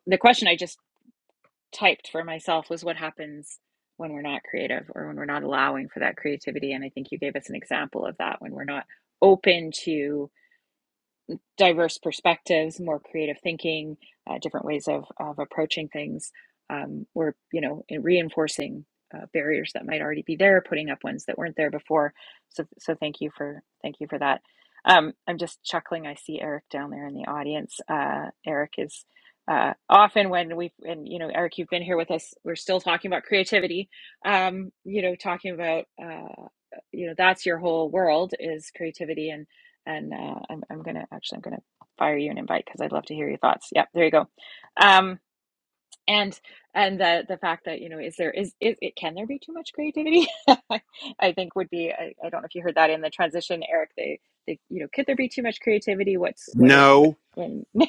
Speaker 1: the question i just typed for myself was what happens when we're not creative or when we're not allowing for that creativity and i think you gave us an example of that when we're not open to diverse perspectives, more creative thinking, uh, different ways of, of approaching things. Um, we're, you know, in reinforcing uh, barriers that might already be there, putting up ones that weren't there before. So, so thank you for thank you for that. Um, I'm just chuckling. I see Eric down there in the audience. Uh, Eric is uh, often when we and you know, Eric, you've been here with us. We're still talking about creativity. Um, you know, talking about uh, you know, that's your whole world is creativity and and uh, I'm, I'm gonna actually I'm gonna fire you an invite because I'd love to hear your thoughts. Yep, there you go. Um, and and the the fact that you know is there is is it can there be too much creativity? I think would be I, I don't know if you heard that in the transition, Eric. They they you know could there be too much creativity? What's what it what
Speaker 5: no
Speaker 1: when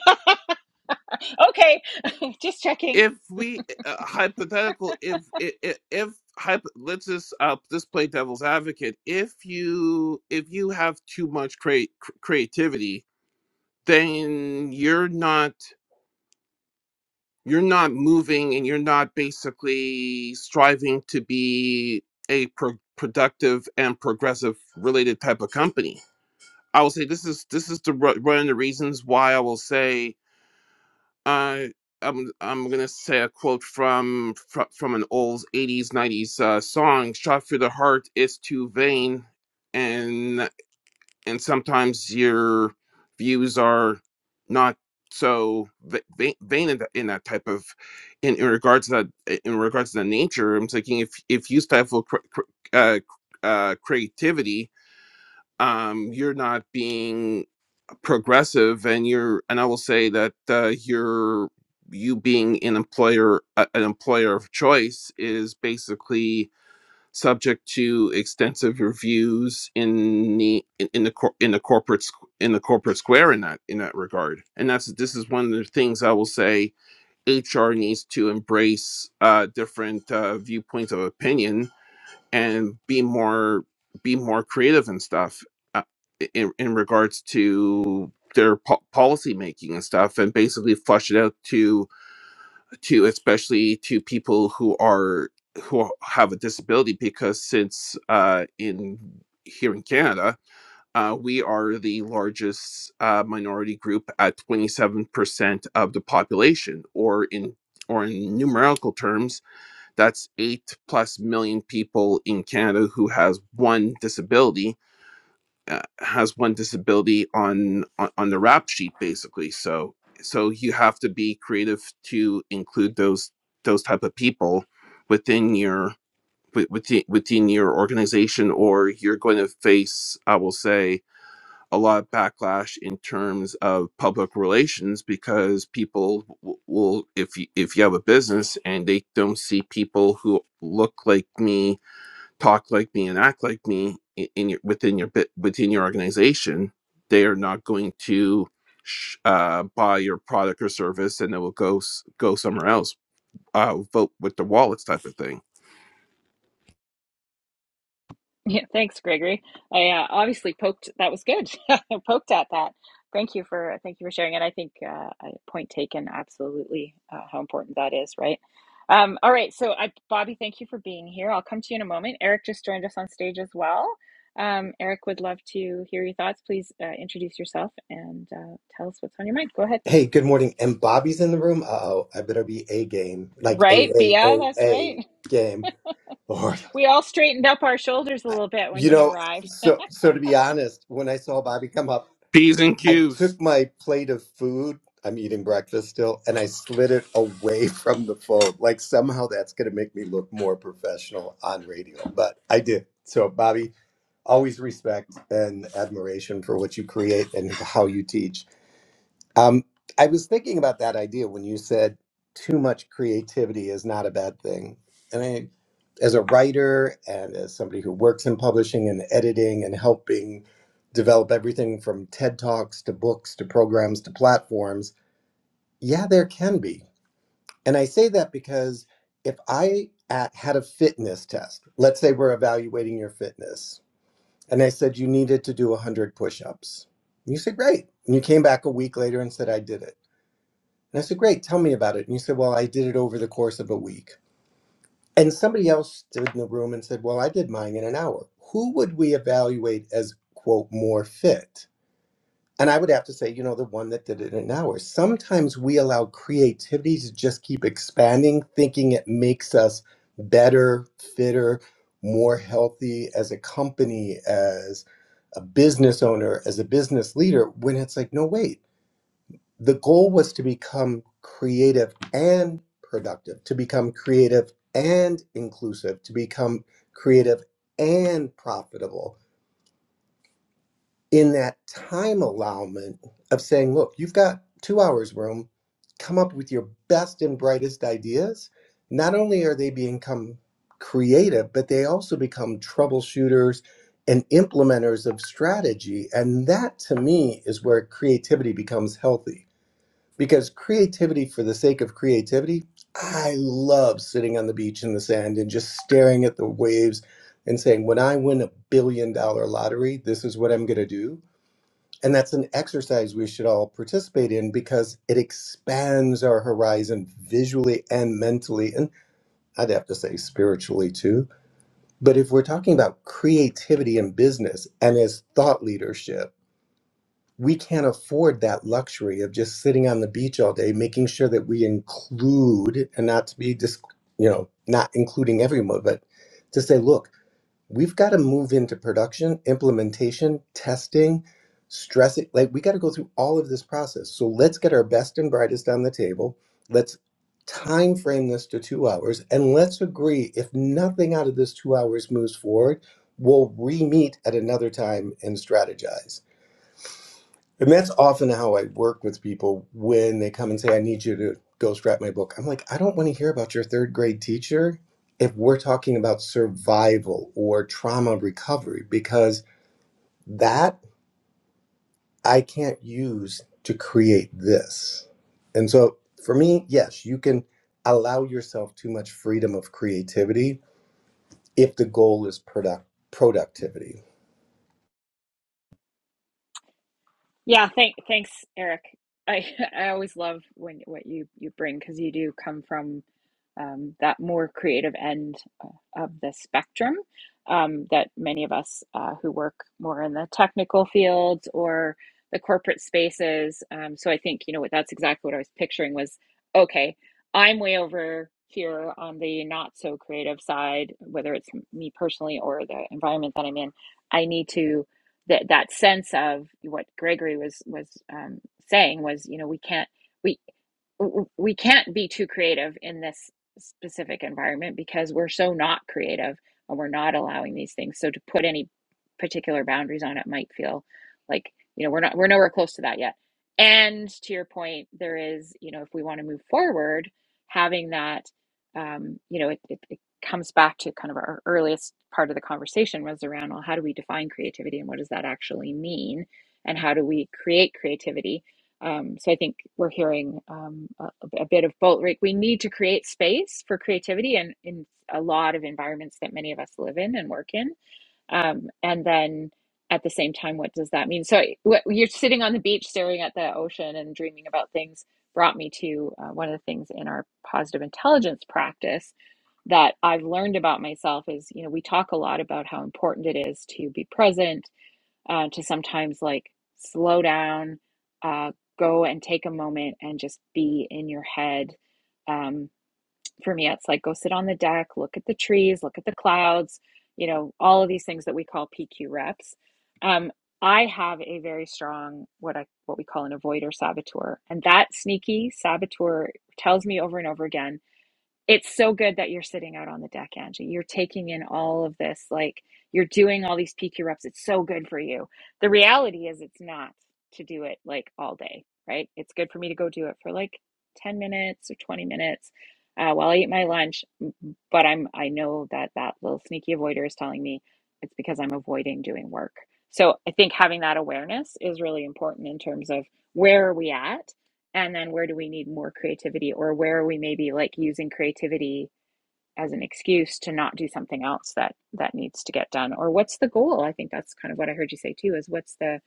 Speaker 1: okay just checking
Speaker 5: if we uh, hypothetical if if, if hypo, let's just uh just play devil's advocate if you if you have too much crea- cr- creativity then you're not you're not moving and you're not basically striving to be a pro- productive and progressive related type of company i will say this is this is the ru- one of the reasons why i will say uh, i'm i'm gonna say a quote from fro- from an old 80s 90s uh, song shot through the heart is too vain and and sometimes your views are not so va- vain in, that in that type of in, in regards to that in regards to the nature i'm thinking if if you stifle cr- cr- uh, uh, creativity um you're not being progressive and you're and i will say that uh, you're you being an employer a- an employer of choice is basically subject to extensive reviews in the in, in the cor- in the corporate squ- in the corporate square in that in that regard and that's this is one of the things i will say hr needs to embrace uh different uh viewpoints of opinion and be more be more creative and stuff uh, in in regards to their po- policy making and stuff and basically flush it out to to especially to people who are who have a disability because since uh, in here in Canada uh, we are the largest uh, minority group at 27% of the population or in or in numerical terms that's 8 plus million people in Canada who has one disability uh, has one disability on, on on the rap sheet basically so so you have to be creative to include those those type of people within your within within your organization or you're going to face i will say a lot of backlash in terms of public relations because people w- will if you if you have a business and they don't see people who look like me talk like me and act like me i- in your within your bit within your organization they are not going to sh- uh, buy your product or service and they will go s- go somewhere else uh, vote with the wallets type of thing
Speaker 1: Yeah, thanks, Gregory. I uh, obviously poked. That was good. I poked at that. Thank you for thank you for sharing it. I think uh, I- point taken. Absolutely, uh, how important that is, right? Um, all right. So, I, Bobby, thank you for being here. I'll come to you in a moment. Eric just joined us on stage as well. Um, Eric would love to hear your thoughts. Please uh, introduce yourself and uh, tell us what's on your mind. Go ahead.
Speaker 6: Hey, good morning. And Bobby's in the room. Uh oh, I better be a game, like a
Speaker 1: Right,
Speaker 6: a
Speaker 1: Bia.
Speaker 6: a
Speaker 1: That's
Speaker 6: a
Speaker 1: right.
Speaker 6: game. Lord,
Speaker 1: We all straightened up our shoulders a
Speaker 6: I,
Speaker 1: little bit when
Speaker 6: you
Speaker 1: he
Speaker 6: know.
Speaker 1: arrived.
Speaker 6: So so to be honest, when I saw Bobby come up,
Speaker 5: p's and
Speaker 6: I
Speaker 5: q's
Speaker 6: took my plate of food. I'm eating breakfast still, and I slid it away from the phone. Like somehow that's going to make me look more professional on radio, but I did. So Bobby, always respect and admiration for what you create and how you teach. Um, I was thinking about that idea when you said too much creativity is not a bad thing. And I, as a writer and as somebody who works in publishing and editing and helping develop everything from TED Talks to books to programs to platforms, yeah, there can be. And I say that because if I at, had a fitness test, let's say we're evaluating your fitness, and I said you needed to do 100 push ups. You said, great. And you came back a week later and said, I did it. And I said, Great, tell me about it. And you said, Well, I did it over the course of a week. And somebody else stood in the room and said, Well, I did mine in an hour. Who would we evaluate as, quote, more fit? And I would have to say, you know, the one that did it in an hour. Sometimes we allow creativity to just keep expanding, thinking it makes us better, fitter, more healthy as a company, as a business owner, as a business leader, when it's like, no, wait the goal was to become creative and productive, to become creative and inclusive, to become creative and profitable. In that time allowment of saying, look, you've got two hours room, come up with your best and brightest ideas. Not only are they become creative, but they also become troubleshooters and implementers of strategy. And that to me is where creativity becomes healthy because creativity for the sake of creativity, I love sitting on the beach in the sand and just staring at the waves and saying, when I win a billion dollar lottery, this is what I'm going to do. And that's an exercise we should all participate in because it expands our horizon visually and mentally. And I'd have to say spiritually too. But if we're talking about creativity in business and as thought leadership, we can't afford that luxury of just sitting on the beach all day making sure that we include and not to be just you know not including everyone but to say look we've got to move into production implementation testing stress it like we got to go through all of this process so let's get our best and brightest on the table let's time frame this to two hours and let's agree if nothing out of this two hours moves forward we'll re-meet at another time and strategize and that's often how I work with people when they come and say, I need you to ghostwrite my book. I'm like, I don't want to hear about your third grade teacher if we're talking about survival or trauma recovery, because that I can't use to create this. And so for me, yes, you can allow yourself too much freedom of creativity if the goal is product productivity.
Speaker 1: Yeah, thank thanks, Eric. I I always love when what you you bring because you do come from um, that more creative end uh, of the spectrum um, that many of us uh, who work more in the technical fields or the corporate spaces. Um, so I think you know what that's exactly what I was picturing was okay. I'm way over here on the not so creative side, whether it's me personally or the environment that I'm in. I need to that that sense of what Gregory was was um, saying was, you know, we can't we w- we can't be too creative in this specific environment because we're so not creative and we're not allowing these things so to put any particular boundaries on it might feel like you know we're not we're nowhere close to that yet and to your point there is you know if we want to move forward having that um, you know it, it, it comes back to kind of our earliest part of the conversation was around well how do we define creativity and what does that actually mean and how do we create creativity um, so I think we're hearing um, a, a bit of both. Like we need to create space for creativity, and in a lot of environments that many of us live in and work in. Um, and then at the same time, what does that mean? So I- what, you're sitting on the beach, staring at the ocean, and dreaming about things. Brought me to uh, one of the things in our positive intelligence practice that I've learned about myself is, you know, we talk a lot about how important it is to be present uh, to sometimes like slow down, uh, go and take a moment and just be in your head. Um, for me, it's like go sit on the deck, look at the trees, look at the clouds, you know, all of these things that we call PQ reps. Um, I have a very strong what I what we call an avoider saboteur, and that sneaky saboteur tells me over and over again it's so good that you're sitting out on the deck, Angie. You're taking in all of this, like you're doing all these PQ reps. It's so good for you. The reality is, it's not to do it like all day, right? It's good for me to go do it for like 10 minutes or 20 minutes uh, while I eat my lunch. But I'm, I know that that little sneaky avoider is telling me it's because I'm avoiding doing work. So I think having that awareness is really important in terms of where are we at and then where do we need more creativity or where are we maybe like using creativity as an excuse to not do something else that that needs to get done or what's the goal i think that's kind of what i heard you say too is what's the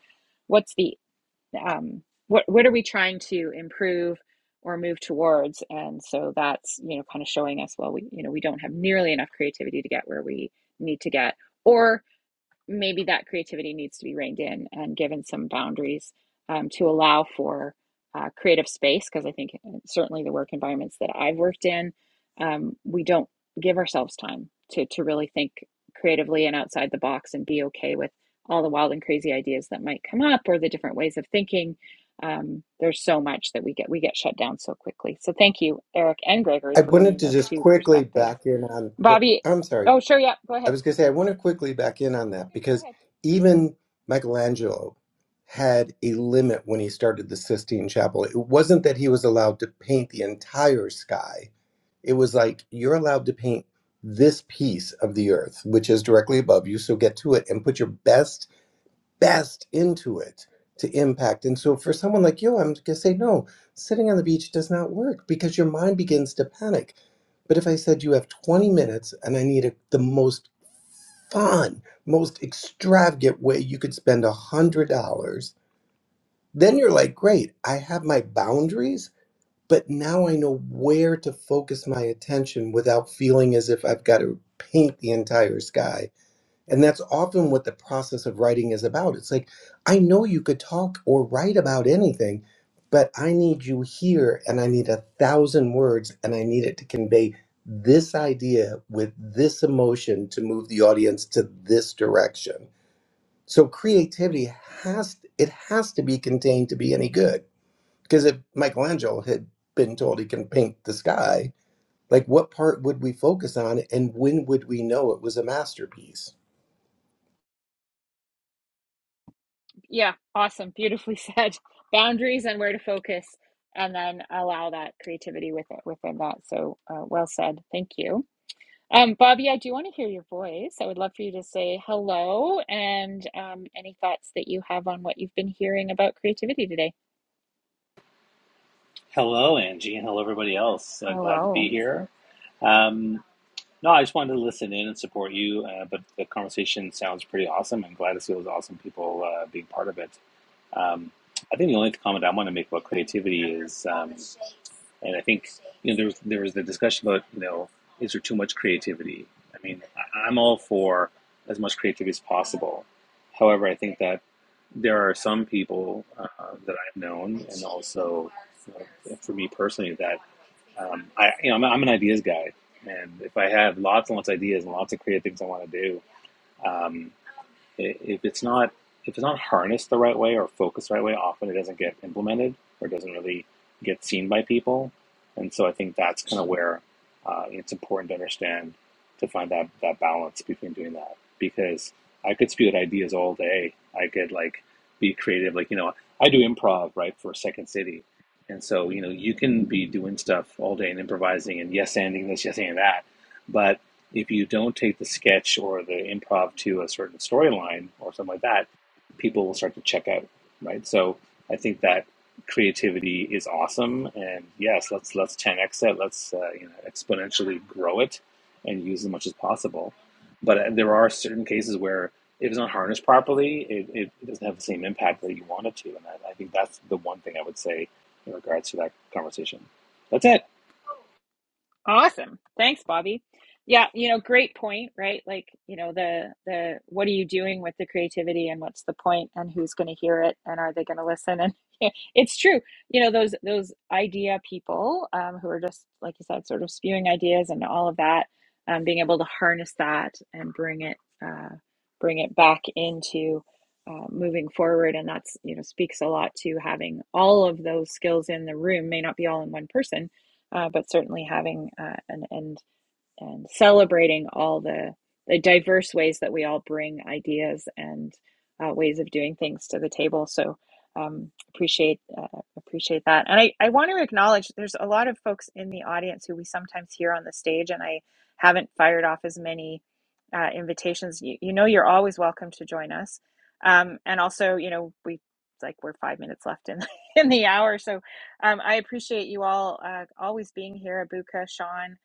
Speaker 1: what's the um what what are we trying to improve or move towards and so that's you know kind of showing us well we you know we don't have nearly enough creativity to get where we need to get or maybe that creativity needs to be reined in and given some boundaries um, to allow for uh, creative space. Because I think uh, certainly the work environments that I've worked in, um, we don't give ourselves time to to really think creatively and outside the box and be okay with all the wild and crazy ideas that might come up or the different ways of thinking. Um, there's so much that we get we get shut down so quickly. So thank you, Eric and Gregory,
Speaker 6: I
Speaker 1: for
Speaker 6: wanted
Speaker 1: bringing
Speaker 6: to
Speaker 1: those
Speaker 6: just
Speaker 1: two
Speaker 6: quickly
Speaker 1: perspectives.
Speaker 6: back in on, oh,
Speaker 1: Bobby,
Speaker 6: I'm sorry,
Speaker 1: oh sure, yeah, go
Speaker 6: I
Speaker 1: ahead.
Speaker 6: was going to say, I want to quickly back in on
Speaker 1: Oh,
Speaker 6: that
Speaker 1: good. Go
Speaker 6: because
Speaker 1: ahead.
Speaker 6: even Michelangelo had a limit when he started the Sistine Chapel. It wasn't that he was allowed to paint the entire sky, it was like, you're allowed to paint this piece of the earth, which is directly above you. So get to it and put your best, best into it to impact. And so for someone like you, I'm going to say, no, sitting on the beach does not work because your mind begins to panic. But if I said you have 20 minutes and I need a, the most fun, most extravagant way you could spend a hundred dollars. Then you're like, great, I have my boundaries, but now I know where to focus my attention without feeling as if I've got to paint the entire sky. And that's often what the process of writing is about. It's like, I know you could talk or write about anything, but I need you here and I need a thousand words and I need it to convey this idea with this emotion to move the audience to this direction. So creativity has it has to be contained to be any good. Because if Michelangelo had been told he can paint the sky, like what part would we focus on and when would we know it was a masterpiece?
Speaker 1: Yeah, awesome. Beautifully said. Boundaries and where to focus, and then allow that creativity with it within that. So uh, well said. Thank you. Um, Bobby, I do want to hear your voice. I would love for you to say hello and um, any thoughts that you have on what you've been hearing about creativity today.
Speaker 7: Hello, Angie, and hello, everybody else. Uh, glad to
Speaker 1: Hello.
Speaker 7: be here. Um, no, I just wanted to listen in and support you, uh, but the conversation sounds pretty awesome, and glad to see those awesome people uh, being part of it. Um, I think the only comment I want to make about creativity is, um, and I think you know there was there was the discussion about you know is there too much creativity? I mean, I, I'm all for as much creativity as possible. However, I think that there are some people uh, that I've known, and also you know, for me personally, that Um, I, you know, I'm, I'm an ideas guy, and if I have lots and lots of ideas and lots of creative things I want to do, um, if it's not if it's not harnessed the right way or focused the right way, often it doesn't get implemented or doesn't really get seen by people. And so I think that's kind of where uh, it's important to understand to find that that balance between doing that because I could spew out ideas all day. I could like be creative, like you know I do improv right for Second City, and so you know you can be doing stuff all day and improvising and yes ending this, yes ending that. but if you don't take the sketch or the improv to a certain storyline or something like that, people will start to check out, right? So I think that creativity is awesome, and yes, let's let's 10x it, let's uh, you know exponentially grow it, and use as much as possible. But uh, there are certain cases where if it's not harnessed properly, it, it it doesn't have the same impact that you want it to, and I, I think that's the one thing I would say in regards to that conversation. That's it.
Speaker 1: Awesome. Thanks, Bobby. Yeah, you know, great point, right? Like, you know, the the what are you doing with the creativity and what's the point and who's going to hear it and are they going to listen? And it's true. You know, those those idea people um, who are just like you said, sort of spewing ideas and all of that, um, being able to harness that and bring it uh, bring it back into uh, moving forward, and that's you know speaks a lot to having all of those skills in the room. May not be all in one person, uh, but certainly having uh, an end and celebrating all the the diverse ways that we all bring ideas and uh, ways of doing things to the table. So um, appreciate uh, appreciate that, and I, I want to acknowledge there's a lot of folks in the audience who we sometimes hear on the stage, and I haven't fired off as many uh, invitations. You, you know, you're always welcome to join us, um, and also you know we like we're five minutes left in in the hour, so um, I appreciate you all uh, always being here, Abuka, Sean.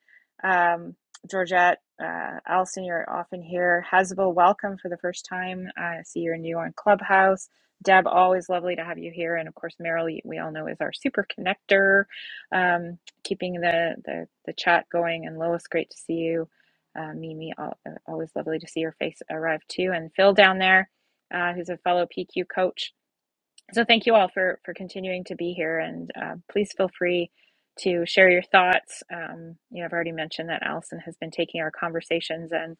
Speaker 1: Um, Georgette, uh, Allison, you're often here. Hasbel, welcome for the first time. I uh, see you're new on Clubhouse. Deb, always lovely to have you here. And of course, Meryl, we all know is our super connector, um, keeping the, the, the chat going. And Lois, great to see you. Uh, Mimi, al- uh, always lovely to see your face arrive too. And Phil down there, uh, who's a fellow PQ coach so thank you all for for continuing to be here and uh, please feel free to share your thoughts um, you know i've already mentioned that allison has been taking our conversations and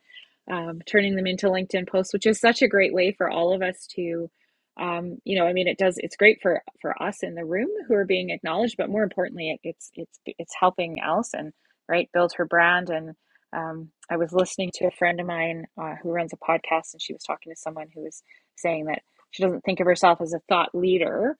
Speaker 1: um, turning them into linkedin posts which is such a great way for all of us to um, you know i mean it does it's great for for us in the room who are being acknowledged but more importantly it, it's it's it's helping allison right build her brand and um, i was listening to a friend of mine uh, who runs a podcast and she was talking to someone who was saying that she doesn't think of herself as a thought leader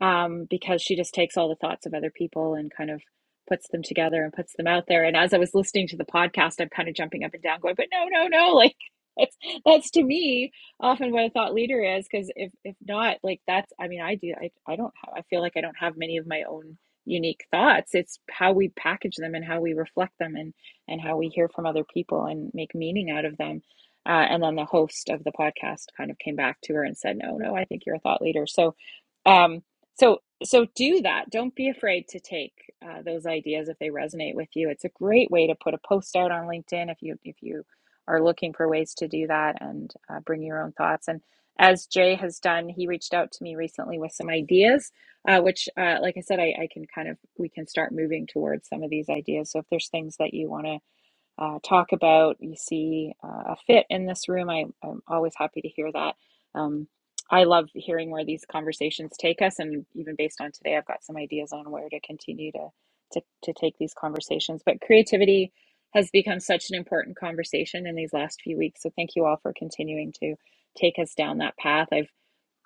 Speaker 1: um, because she just takes all the thoughts of other people and kind of puts them together and puts them out there. And as I was listening to the podcast, I'm kind of jumping up and down, going, "But no, no, no!" Like that's that's to me often what a thought leader is because if if not, like that's I mean I do I I don't have I feel like I don't have many of my own unique thoughts. It's how we package them and how we reflect them and and how we hear from other people and make meaning out of them uh, and then the host of the podcast kind of came back to her and said, "No, no, I think you're a thought leader." So, um, so, so do that. Don't be afraid to take uh, those ideas if they resonate with you. It's a great way to put a post out on LinkedIn if you if you are looking for ways to do that and uh, bring your own thoughts. And as Jay has done, he reached out to me recently with some ideas, uh, which, uh, like I said, I, I can kind of we can start moving towards some of these ideas. So if there's things that you want to uh, talk about, you see uh, a fit in this room, I, I'm always happy to hear that. Um, I love hearing where these conversations take us, and even based on today, I've got some ideas on where to continue to to, to take these conversations. But creativity has become such an important conversation in these last few weeks. So thank you all for continuing to take us down that path. I've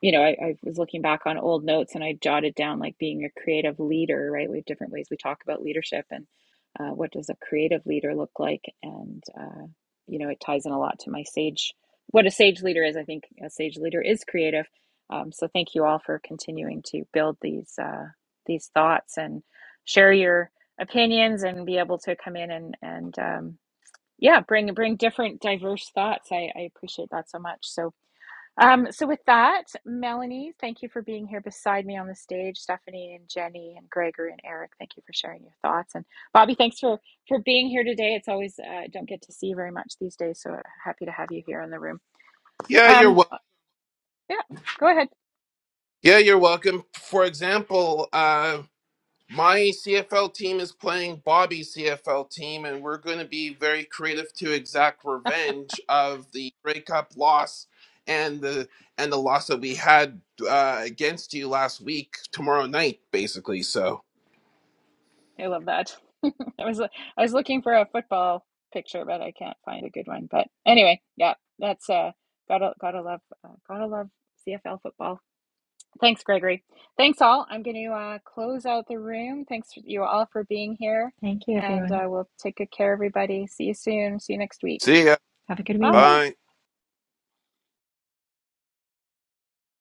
Speaker 1: you know, I, I was looking back on old notes and I jotted down like being a creative leader, right? We have different ways we talk about leadership and uh, what does a creative leader look like? And, uh, you know, it ties in a lot to my sage, what a sage leader is. I think a sage leader is creative. Um, so thank you all for continuing to build these, uh, these thoughts and share your opinions and be able to come in and, and, um, yeah, bring, bring different diverse thoughts. I, I appreciate that so much. So, um, so, with that, Melanie, thank you for being here beside me on the stage. Stephanie and Jenny and Gregory and Eric, thank you for sharing your thoughts. And Bobby, thanks for for being here today. It's always uh, don't get to see you very much these days, so happy to have you here in the room.
Speaker 5: yeah you're welcome.
Speaker 1: Um, yeah, go ahead.
Speaker 5: Yeah, you're welcome. For example, uh, my CFL team is playing Bobby's CFL team, and we're going to be very creative to exact revenge of the breakup loss and the and the loss that we had uh, against you last week. Tomorrow night, basically. So
Speaker 1: I love that. I was I was looking for a football picture, but I can't find a good one. But anyway, yeah, that's uh, gotta gotta love uh, gotta love CFL football. Thanks, Gregory. Thanks, all. I'm going to uh, close out the room. Thanks, you all, for being here.
Speaker 2: Thank you,
Speaker 1: And uh,
Speaker 2: everyone.
Speaker 1: we'll take good care, everybody. See you soon. See you next week.
Speaker 5: see ya.
Speaker 2: Have a good week.
Speaker 1: Bye.
Speaker 5: Bye.